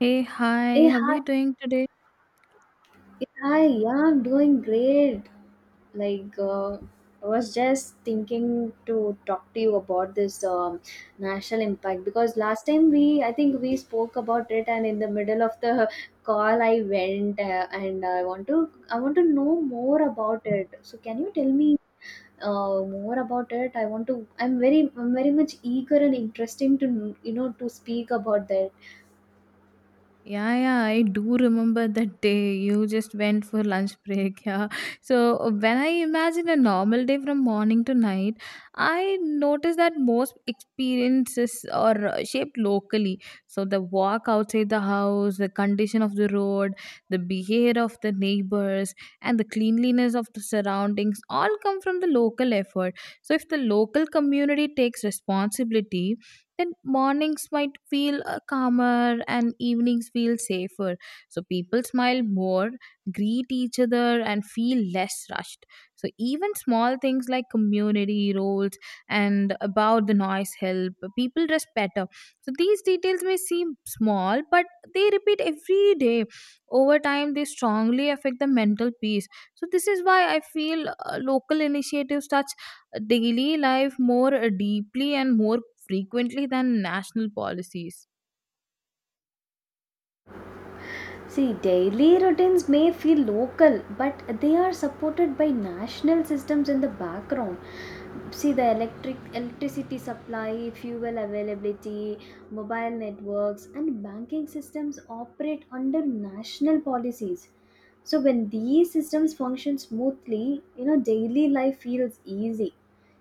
Hey, Hey, hi, how are hi, you doing today? Hi, yeah, I'm doing great. Like, uh, I was just thinking to talk to you about this national impact because last time I think we spoke about it, and in the middle of the call, I went and I want to know more about it. So, can you tell me more about it? I'm very much eager and interesting to, you know, to speak about that. Yeah, yeah, I do remember that day you just went for lunch break. Yeah. When I imagine a normal day from morning to night, I notice that most experiences are shaped locally. So, the walk outside the house, the condition of the road, the behavior of the neighbors, and the cleanliness of the surroundings all come from the local effort. So, if the local community takes responsibility, then mornings might feel calmer and evenings feel safer. So people smile more, greet each other, and feel less rushed. So even small things like community roles and about the noise help people dress better. So these details may seem small, but they repeat every day. Over time, they strongly affect the mental peace. So this is why I feel local initiatives such daily life more deeply and more frequently than national policies. See, daily routines may feel local, but they are supported by national systems in the background. See the electricity supply, fuel availability, mobile networks, and banking systems operate under national policies. So when these systems function smoothly, you know, daily life feels easy.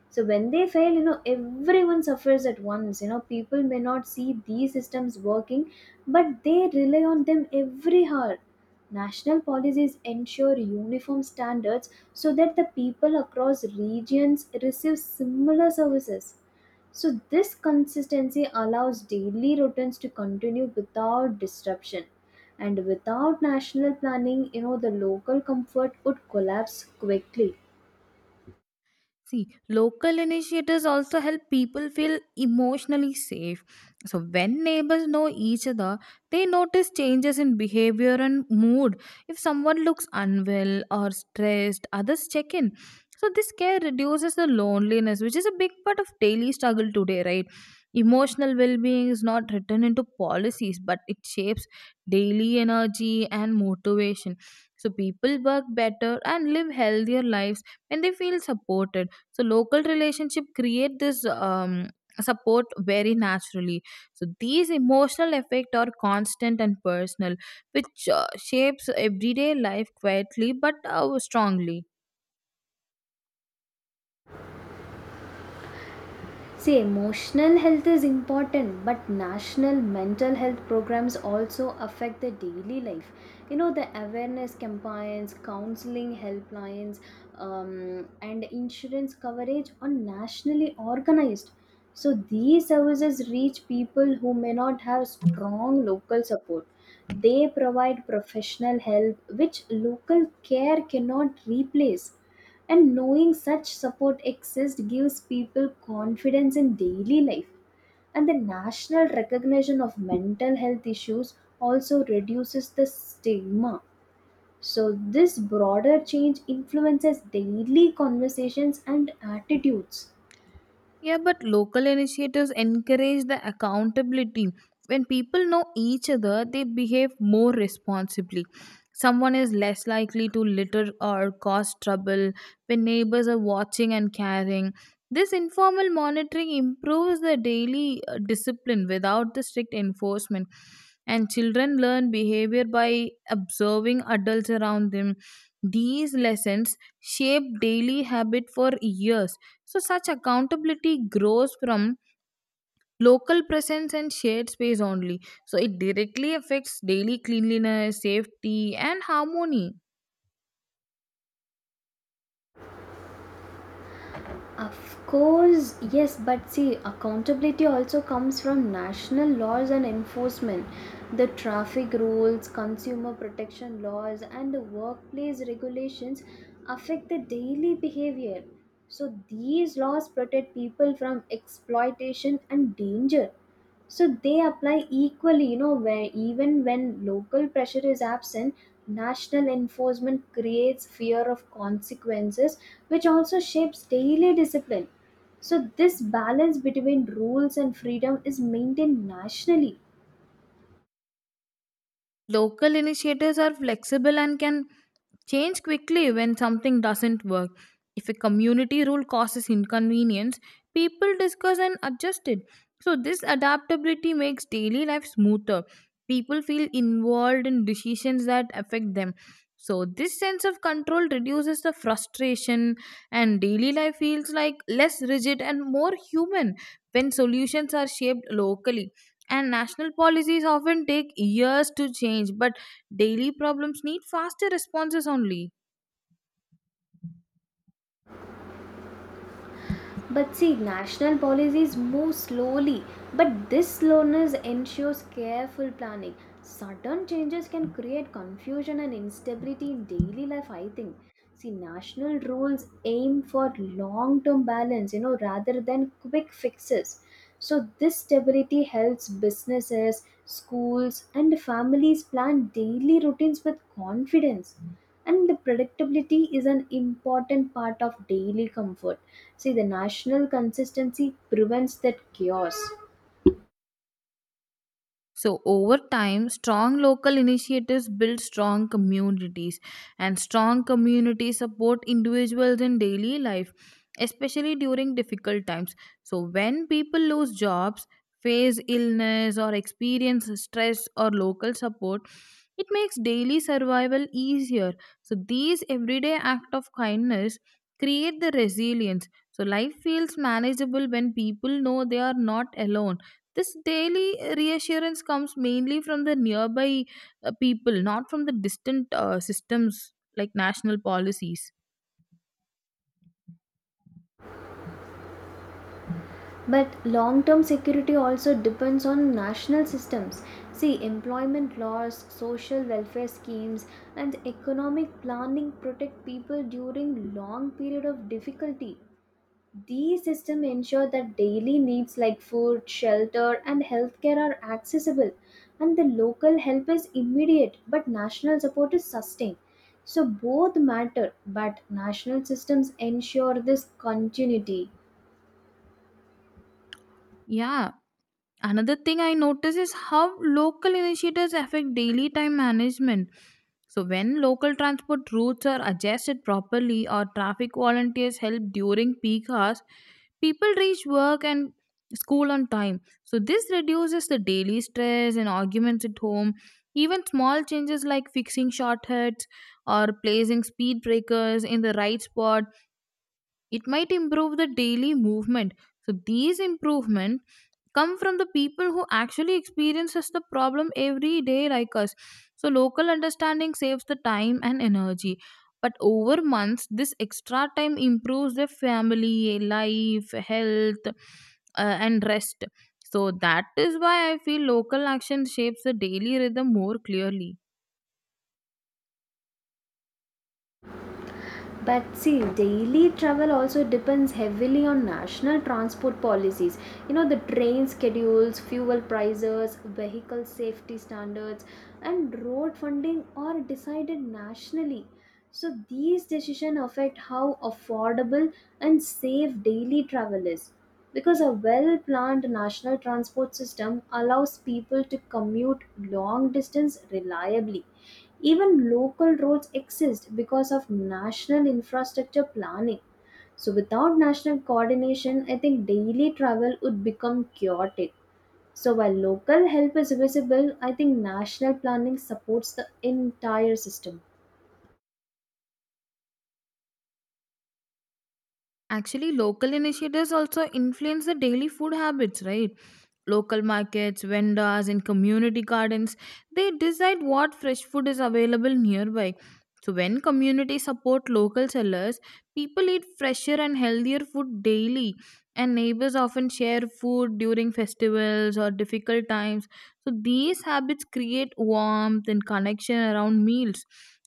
So when they fail, you know, everyone suffers at once. You know, people may not see these systems working, but they rely on them every hour. National policies ensure uniform standards so that the people across regions receive similar services. So, this consistency allows daily routines to continue without disruption. And without national planning, you know, the local comfort would collapse quickly. See, local initiatives also help people feel emotionally safe. So, when neighbors know each other, they notice changes in behavior and mood. If someone looks unwell or stressed, others check in. So, this care reduces the loneliness, which is a big part of daily struggle today, right? Emotional well being is not written into policies, but it shapes daily energy and motivation. So, people work better and live healthier lives when they feel supported. So local relationship create this support very naturally. So these emotional effect are constant and personal, which shapes everyday life quietly but strongly. See, emotional health is important, but national mental health programs also affect the daily life. You know, the awareness campaigns, counseling helplines, and insurance coverage are nationally organized. So, these services reach people who may not have strong local support. They provide professional help, which local care cannot replace, and knowing such support exists gives people confidence in daily life. And the national recognition of mental health issues also reduces the stigma. So, this broader change influences daily conversations and attitudes. Yeah, but local initiatives encourage the accountability. When people know each other, they behave more responsibly. Someone is less likely to litter or cause trouble when neighbors are watching and caring. This informal monitoring improves the daily discipline without the strict enforcement. And children learn behavior by observing adults around them. These lessons shape daily habit for years. So, such accountability grows from local presence and shared space only. So, it directly affects daily cleanliness, safety, and harmony. Of course, yes, but see, accountability also comes from national laws and enforcement. The traffic rules, consumer protection laws, and the workplace regulations affect the daily behavior. So, these laws protect people from exploitation and danger, so they apply equally, you know, where even when local pressure is absent, national enforcement creates fear of consequences, which also shapes daily discipline. So this balance between rules and freedom is maintained nationally. Local initiators are flexible and can change quickly when something doesn't work. If a community rule causes inconvenience, people discuss and adjust it. So, this adaptability makes daily life smoother. People feel involved in decisions that affect them. So, this sense of control reduces the frustration, and daily life feels like less rigid and more human when solutions are shaped locally. And national policies often take years to change, but daily problems need faster responses only. But see, national policies move slowly, but this slowness ensures careful planning. Sudden changes can create confusion and instability in daily life, I think. See, national rules aim for long term balance, you know, rather than quick fixes. So, this stability helps businesses, schools, and families plan daily routines with confidence. And the predictability is an important part of daily comfort. See, the national consistency prevents that chaos. So, over time, strong local initiatives build strong communities, and strong communities support individuals in daily life, especially during difficult times. So, when people lose jobs, face illness, or experience stress or local support, it makes daily survival easier. So, these everyday acts of kindness create the resilience. So, life feels manageable when people know they are not alone. This daily reassurance comes mainly from the nearby people, not from the distant systems like national policies. But long term security also depends on national systems. See, employment laws, social welfare schemes, and economic planning protect people during long period of difficulty. These systems ensure that daily needs like food, shelter, and healthcare are accessible, and the local help is immediate, but national support is sustained. So both matter, but national systems ensure this continuity. Yeah. Another thing I notice is how local initiatives affect daily time management. So, when local transport routes are adjusted properly or traffic volunteers help during peak hours, people reach work and school on time. So, this reduces the daily stress and arguments at home. Even small changes like fixing shortcuts or placing speed breakers in the right spot, it might improve the daily movement. So these improvement come from the people who actually experiences the problem every day like us. So local understanding saves the time and energy, but over months this extra time improves their family life, health, and rest. So that is why I feel local action shapes the daily rhythm more clearly. But see, daily travel also depends heavily on national transport policies. You know, the train schedules, fuel prices, vehicle safety standards, and road funding are decided nationally. So, these decisions affect how affordable and safe daily travel is, because a well planned national transport system allows people to commute long distance reliably. Even local roads exist because of national infrastructure planning. So, without national coordination, I think daily travel would become chaotic. So, while local help is visible, I think national planning supports the entire system. Actually, local initiatives also influence the daily food habits, right? Local markets, vendors, and community gardens, they decide what fresh food is available nearby. So, when communities support local sellers, people eat fresher and healthier food daily. And neighbors often share food during festivals or difficult times. So, these habits create warmth and connection around meals.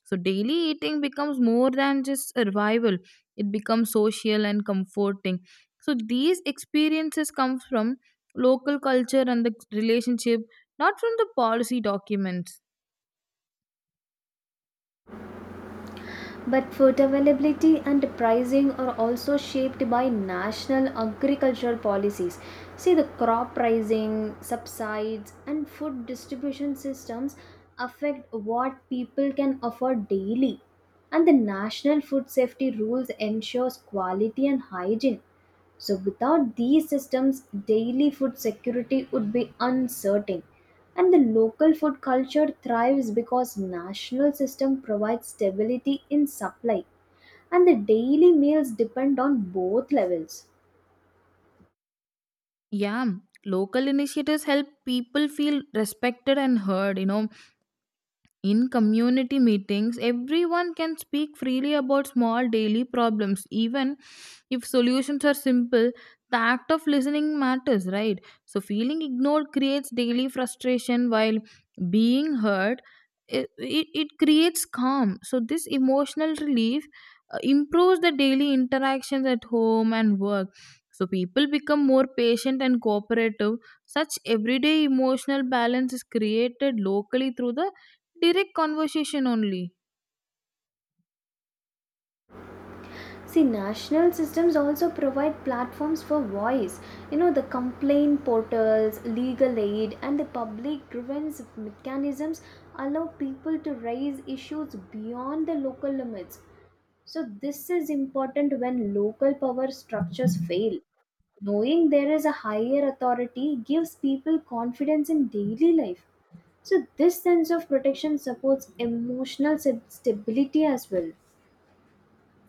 So, daily eating becomes more than just survival, it becomes social and comforting. So these experiences come from local culture and the relationship, not from the policy documents. But food availability and pricing are also shaped by national agricultural policies. See, the crop pricing, subsides, and food distribution systems affect what people can afford daily. And the national food safety rules ensures quality and hygiene. So, without these systems, daily food security would be uncertain. And the local food culture thrives because national system provides stability in supply, and the daily meals depend on both levels. Yeah, local initiatives help people feel respected and heard, you know. In community meetings, everyone can speak freely about small daily problems, even if solutions are simple. The act of listening matters, right? So, feeling ignored creates daily frustration, while being heard, it creates calm. So, this emotional relief improves the daily interactions at home and work. So, people become more patient and cooperative. Such everyday emotional balance is created locally through the direct conversation only. See, national systems also provide platforms for voice. You know, the complaint portals, legal aid, and the public grievance mechanisms allow people to raise issues beyond the local limits. So, this is important when local power structures fail. Knowing there is a higher authority gives people confidence in daily life. So, this sense of protection supports emotional stability as well.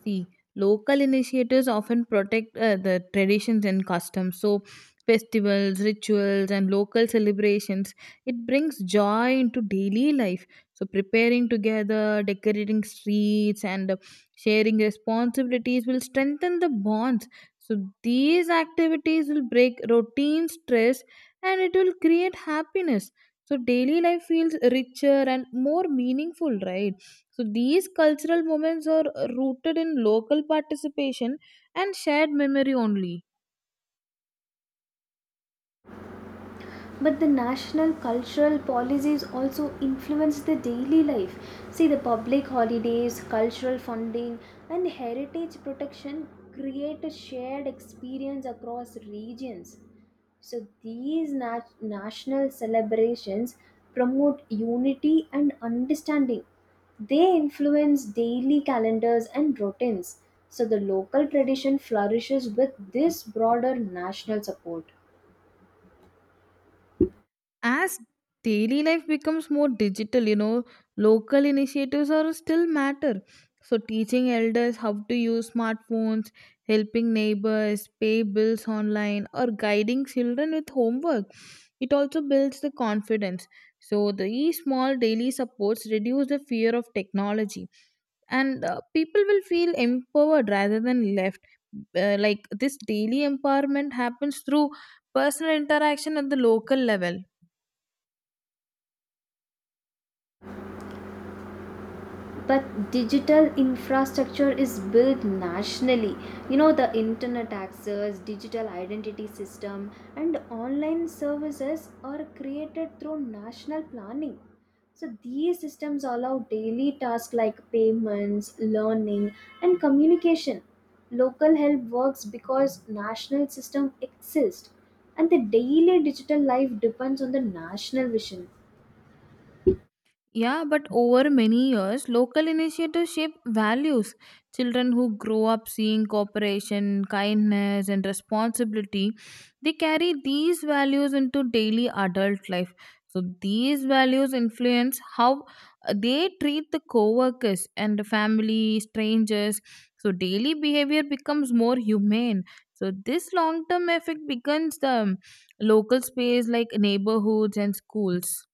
See, local initiators often protect the traditions and customs. So, festivals, rituals, and local celebrations, it brings joy into daily life. So, preparing together, decorating streets, and sharing responsibilities will strengthen the bonds. So, these activities will break routine stress and it will create happiness. So, daily life feels richer and more meaningful, right? So these cultural moments are rooted in local participation and shared memory only. But the national cultural policies also influence the daily life. See, the public holidays, cultural funding, and heritage protection create a shared experience across regions. So these national celebrations promote unity and understanding. They influence daily calendars and routines. So the local tradition flourishes with this broader national support. As daily life becomes more digital, you know, local initiatives are still matter. So teaching elders how to use smartphones, helping neighbors, pay bills online, or guiding children with homework. It also builds the confidence. So these small daily supports reduce the fear of technology and people will feel empowered rather than left like this. Daily empowerment happens through personal interaction at the local level. But digital infrastructure is built nationally. You know, the internet access, digital identity system, and online services are created through national planning. So these systems allow daily tasks like payments, learning, and communication. Local help works because national system exists, and the daily digital life depends on the national vision. Yeah, but over many years, local initiatives shape values. Children who grow up seeing cooperation, kindness, and responsibility, they carry these values into daily adult life. So these values influence how they treat the coworkers and the family, strangers. So daily behavior becomes more humane. So this long-term effect becomes the local space like neighborhoods and schools.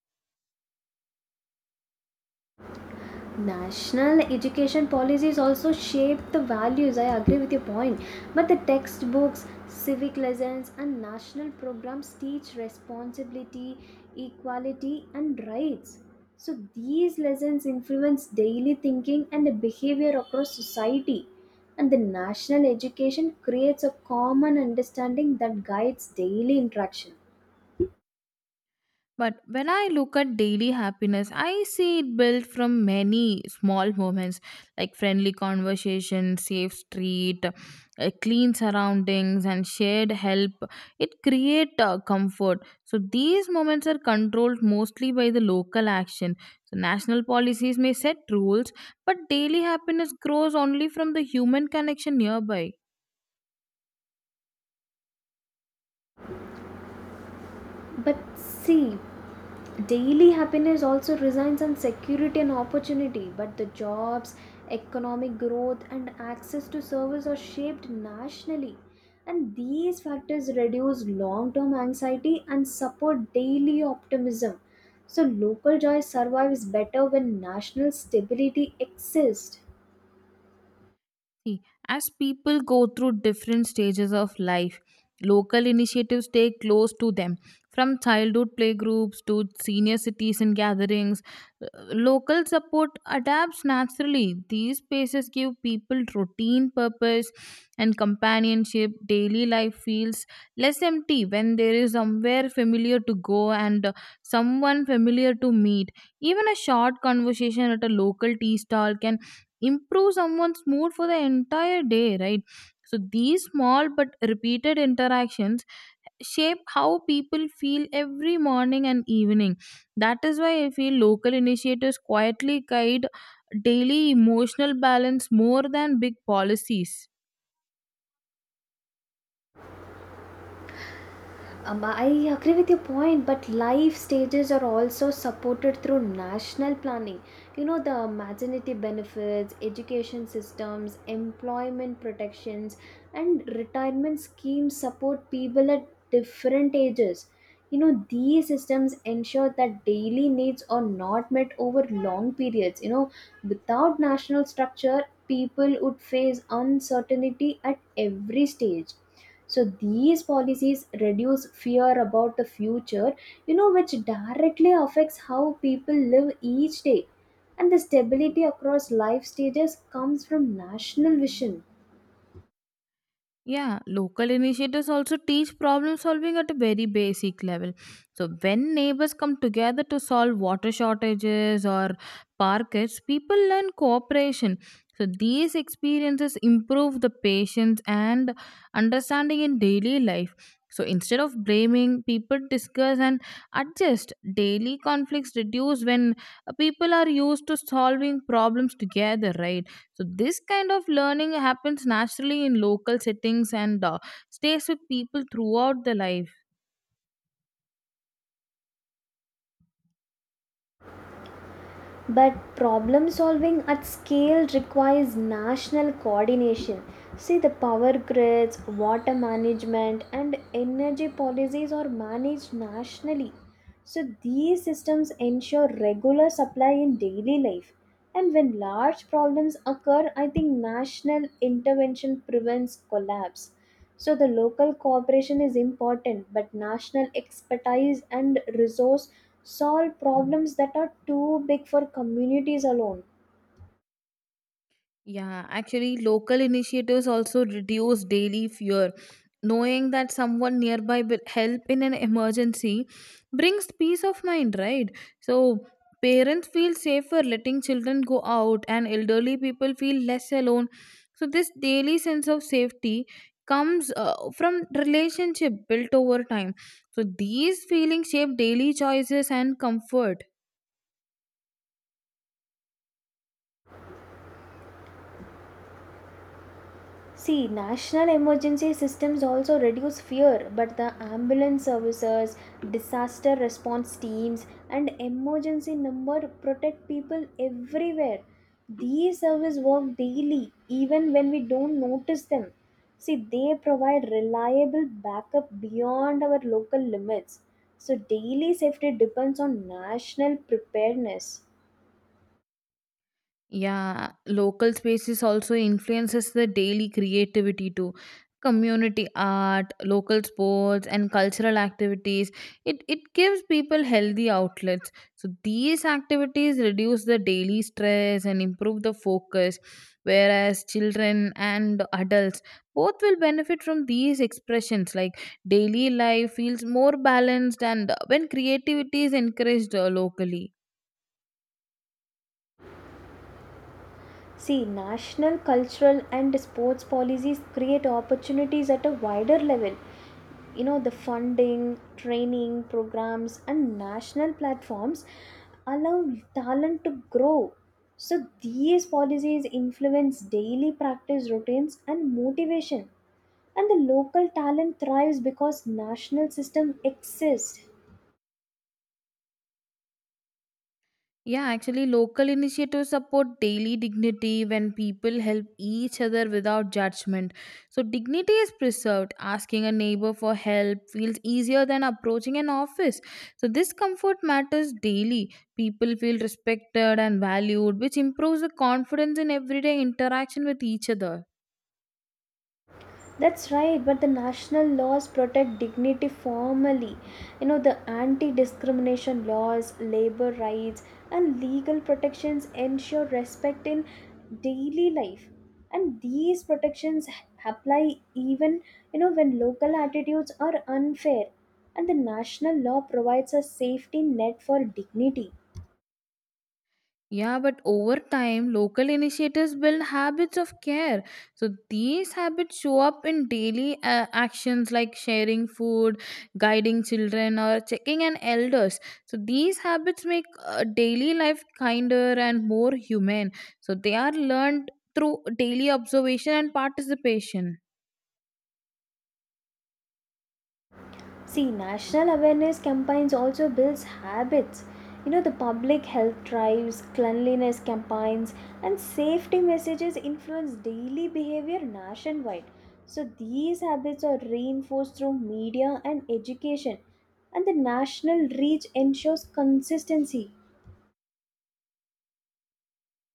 National education policies also shape the values. I agree with your point. But the textbooks, civic lessons, and national programs teach responsibility, equality, and rights. So these lessons influence daily thinking and the behavior across society. And the national education creates a common understanding that guides daily interaction. But when I look at daily happiness, I see it built from many small moments like friendly conversation, safe street, clean surroundings, and shared help. It create comfort. So these moments are controlled mostly by the local action. So national policies may set rules, but daily happiness grows only from the human connection nearby. But see, daily happiness also resides on security and opportunity, but the jobs, economic growth, and access to service are shaped nationally. And these factors reduce long term anxiety and support daily optimism. So, local joy survives better when national stability exists. See, as people go through different stages of life, local initiatives stay close to them. From childhood playgroups to senior citizen gatherings, uh, local support adapts naturally. These spaces give people routine purpose and companionship. Daily life feels less empty when there is somewhere familiar to go and someone familiar to meet. Even a short conversation at a local tea stall can improve someone's mood for the entire day, right? So these small but repeated interactions shape how people feel every morning and evening. That is why I feel local initiatives quietly guide daily emotional balance more than big policies. I agree with your point, but life stages are also supported through national planning. You know, the maternity benefits, education systems, employment protections, and retirement schemes support people at different ages. You know, these systems ensure that daily needs are not met over long periods. You know, without national structure, people would face uncertainty at every stage, so these policies reduce fear about the future, you know, which directly affects how people live each day. And the stability across life stages comes from national vision. Yeah, local initiatives also teach problem solving at a very basic level. So, when neighbors come together to solve water shortages or parkets, people learn cooperation. So, these experiences improve the patience and understanding in daily life. So, instead of blaming, people discuss and adjust. Daily conflicts reduce when people are used to solving problems together, right? So this kind of learning happens naturally in local settings and stays with people throughout their life. But problem solving at scale requires national coordination. See, the power grids, water management, and energy policies are managed nationally. So, these systems ensure regular supply in daily life. And when large problems occur, I think national intervention prevents collapse. So the local cooperation is important, but national expertise and resource solve problems that are too big for communities alone. Yeah, actually, local initiatives also reduce daily fear. Knowing that someone nearby will help in an emergency brings peace of mind, right? So, parents feel safer letting children go out, and elderly people feel less alone. So, this daily sense of safety comes from relationship built over time. So, these feelings shape daily choices and comfort. See, national emergency systems also reduce fear, but the ambulance services, disaster response teams, and emergency number protect people everywhere. These services work daily, even when we don't notice them. See, they provide reliable backup beyond our local limits. So, daily safety depends on national preparedness. Yeah, local spaces also influences the daily creativity too. Community art, local sports, and cultural activities. It gives people healthy outlets. So these activities reduce the daily stress and improve the focus. Whereas children and adults both will benefit from these expressions. Like daily life feels more balanced, and when creativity is encouraged locally. See, national, cultural, and sports policies create opportunities at a wider level. You know, the funding, training programs, and national platforms allow talent to grow. So, these policies influence daily practice routines and motivation. And the local talent thrives because national system exists. Yeah, actually, local initiatives support daily dignity when people help each other without judgment. So, dignity is preserved. Asking a neighbor for help feels easier than approaching an office. So, this comfort matters daily. People feel respected and valued, which improves the confidence in everyday interaction with each other. That's right, but the national laws protect dignity formally. You know, the anti discrimination laws, labor rights, and legal protections ensure respect in daily life. And these protections apply even, you know, when local attitudes are unfair. And the national law provides a safety net for dignity. Yeah, but over time, local initiatives build habits of care. So these habits show up in daily actions like sharing food, guiding children, or checking on elders. So these habits make daily life kinder and more human. So they are learned through daily observation and participation. See, national awareness campaigns also builds habits. You know, the public health drives, cleanliness campaigns, and safety messages influence daily behavior nationwide. So these habits are reinforced through media and education, and the national reach ensures consistency.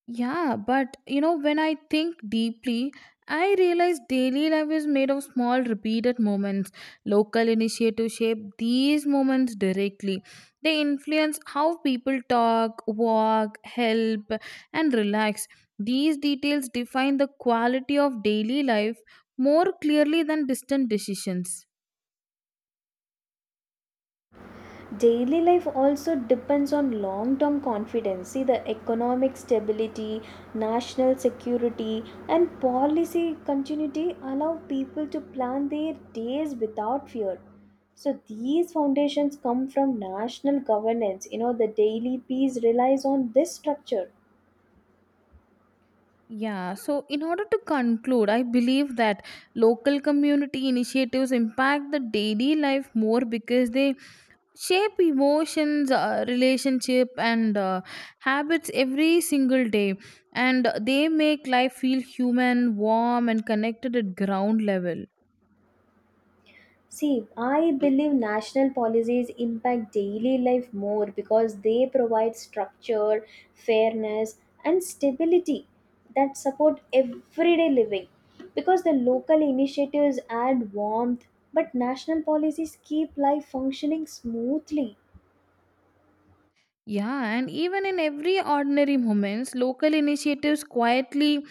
Yeah, but you know, when I think deeply, I realize daily life is made of small, repeated moments. Local initiatives shape these moments directly. They influence how people talk, walk, help, and relax. These details define the quality of daily life more clearly than distant decisions. Daily life also depends on long term confidence. See, the economic stability, national security, and policy continuity allow people to plan their days without fear. So these foundations come from national governance. You know, the daily peace relies on this structure. Yeah, so in order to conclude, I believe that local community initiatives impact the daily life more because they shape emotions, relationship, and habits every single day, and they make life feel human, warm, and connected at ground level. See, I believe national policies impact daily life more because they provide structure, fairness, and stability that support everyday living. Because the local initiatives add warmth, but national policies keep life functioning smoothly. Yeah, and even in every ordinary moments, local initiatives quietly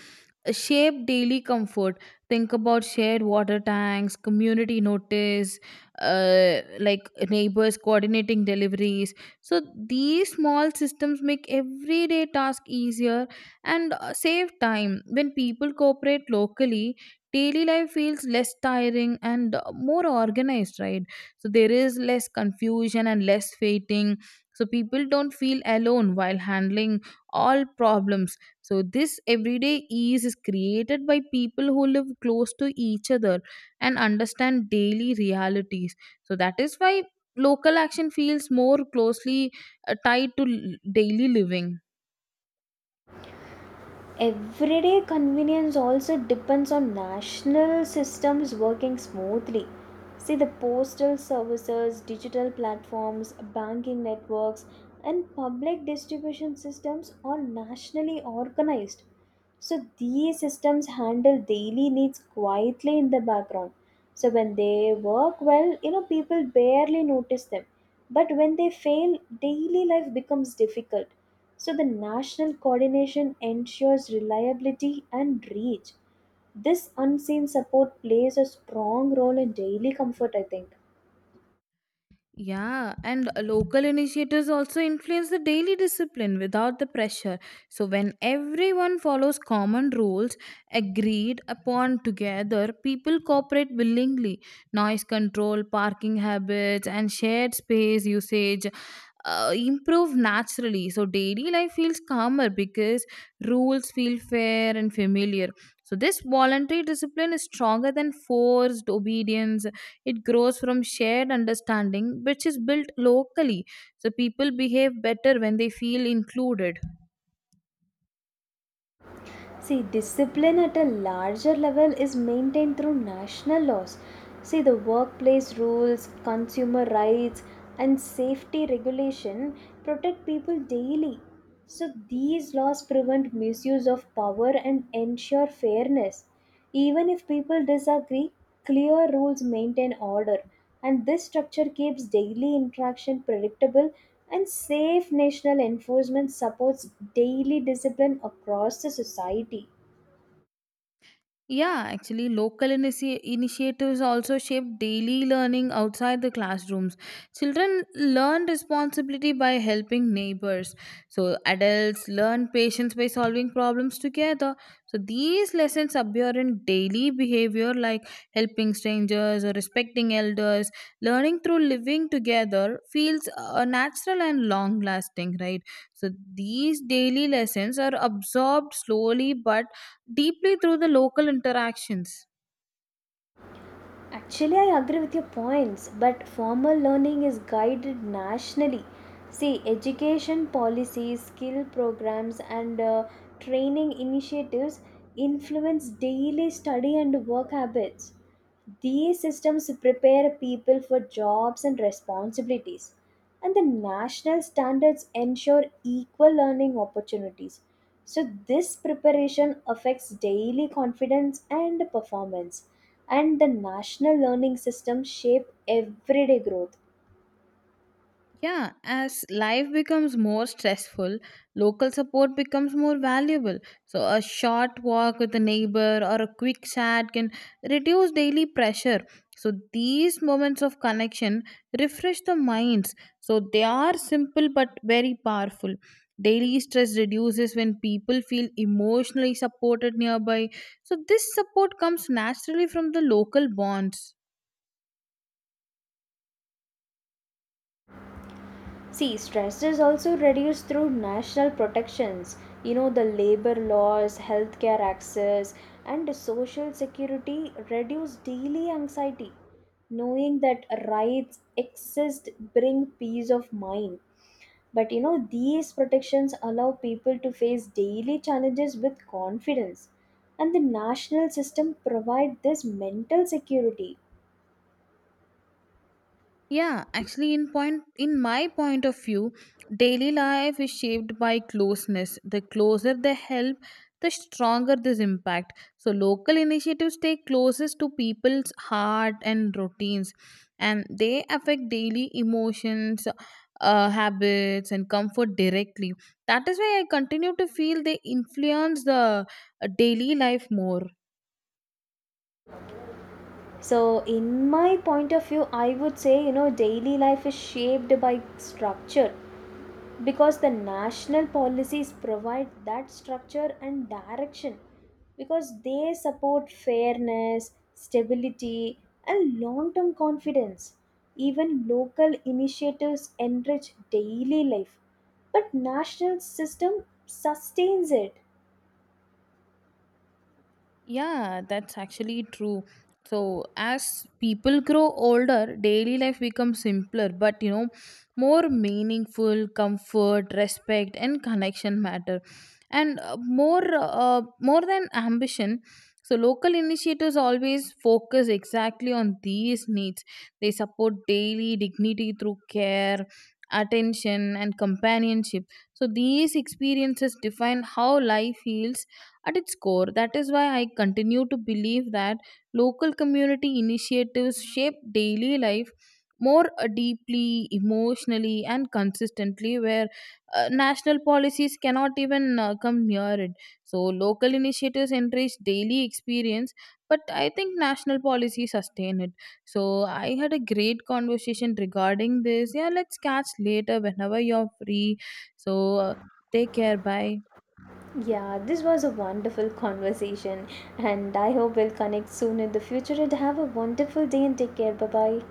shape daily comfort. Think about shared water tanks, community notice, like neighbors coordinating deliveries. So these small systems make everyday task easier and save time. When people cooperate locally, daily life feels less tiring and more organized, right? So there is less confusion and less waiting. So people don't feel alone while handling all problems. So, this everyday ease is created by people who live close to each other and understand daily realities. So, that is why local action feels more closely tied to daily living. Everyday convenience also depends on national systems working smoothly. See, the postal services, digital platforms, banking networks, and public distribution systems are nationally organized. So these systems handle daily needs quietly in the background. So when they work well, you know, people barely notice them. But when they fail, daily life becomes difficult. So the national coordination ensures reliability and reach. This unseen support plays a strong role in daily comfort, I think. Yeah, and local initiatives also influence the daily discipline without the pressure. So, when everyone follows common rules agreed upon together, people cooperate willingly. Noise control, parking habits, and shared space usage improve naturally. So, daily life feels calmer because rules feel fair and familiar. So, this voluntary discipline is stronger than forced obedience. It grows from shared understanding, which is built locally. So people behave better when they feel included. See, discipline at a larger level is maintained through national laws. See, the workplace rules, consumer rights, and safety regulation protect people daily. So, these laws prevent misuse of power and ensure fairness. Even if people disagree, clear rules maintain order, and this structure keeps daily interaction predictable and safe. National enforcement supports daily discipline across the society. Yeah, actually, local initiatives also shape daily learning outside the classrooms. Children learn responsibility by helping neighbors. So, adults learn patience by solving problems together. So, these lessons appear in daily behavior like helping strangers or respecting elders. Learning through living together feels natural and long lasting, right? So, these daily lessons are absorbed slowly but deeply through the local interactions. Actually, I agree with your points, but formal learning is guided nationally. See, education policies, skill programs, and training initiatives influence daily study and work habits. These systems prepare people for jobs and responsibilities, and the national standards ensure equal learning opportunities. So, this preparation affects daily confidence and performance, and the national learning systems shape everyday growth. Yeah, as life becomes more stressful, local support becomes more valuable. So, a short walk with a neighbor or a quick chat can reduce daily pressure. So, these moments of connection refresh the minds. So, they are simple but very powerful. Daily stress reduces when people feel emotionally supported nearby. So, this support comes naturally from the local bonds. See, stress is also reduced through national protections, you know, the labor laws, healthcare access, and social security reduce daily anxiety. Knowing that rights exist bring peace of mind. But you know, these protections allow people to face daily challenges with confidence. And the national system provide this mental security. Yeah, actually, in point in my point of view, daily life is shaped by closeness. The closer the help, the stronger this impact. So local initiatives stay closest to people's heart and routines, and they affect daily emotions, habits, and comfort directly. That is why I continue to feel they influence the daily life more. So, in my point of view, I would say, you know, daily life is shaped by structure because the national policies provide that structure and direction, because they support fairness, stability, and long term confidence. Even local initiatives enrich daily life, but national system sustains it. Yeah, that's actually true. So, as people grow older, daily life becomes simpler, but you know, more meaningful, comfort, respect, and connection matter. And more than ambition, so local initiatives always focus exactly on these needs. They support daily dignity through care, attention, and companionship. So, these experiences define how life feels at its core. That is why I continue to believe that local community initiatives shape daily life more deeply, emotionally, and consistently, where national policies cannot even come near it. So, local initiatives enrich daily experience, but I think national policies sustain it. So, I had a great conversation regarding this. Yeah, let's catch later whenever you're free. So, uh, Take care. Bye. Yeah, this was a wonderful conversation, and I hope we'll connect soon in the future and have a wonderful day and take care. Bye bye.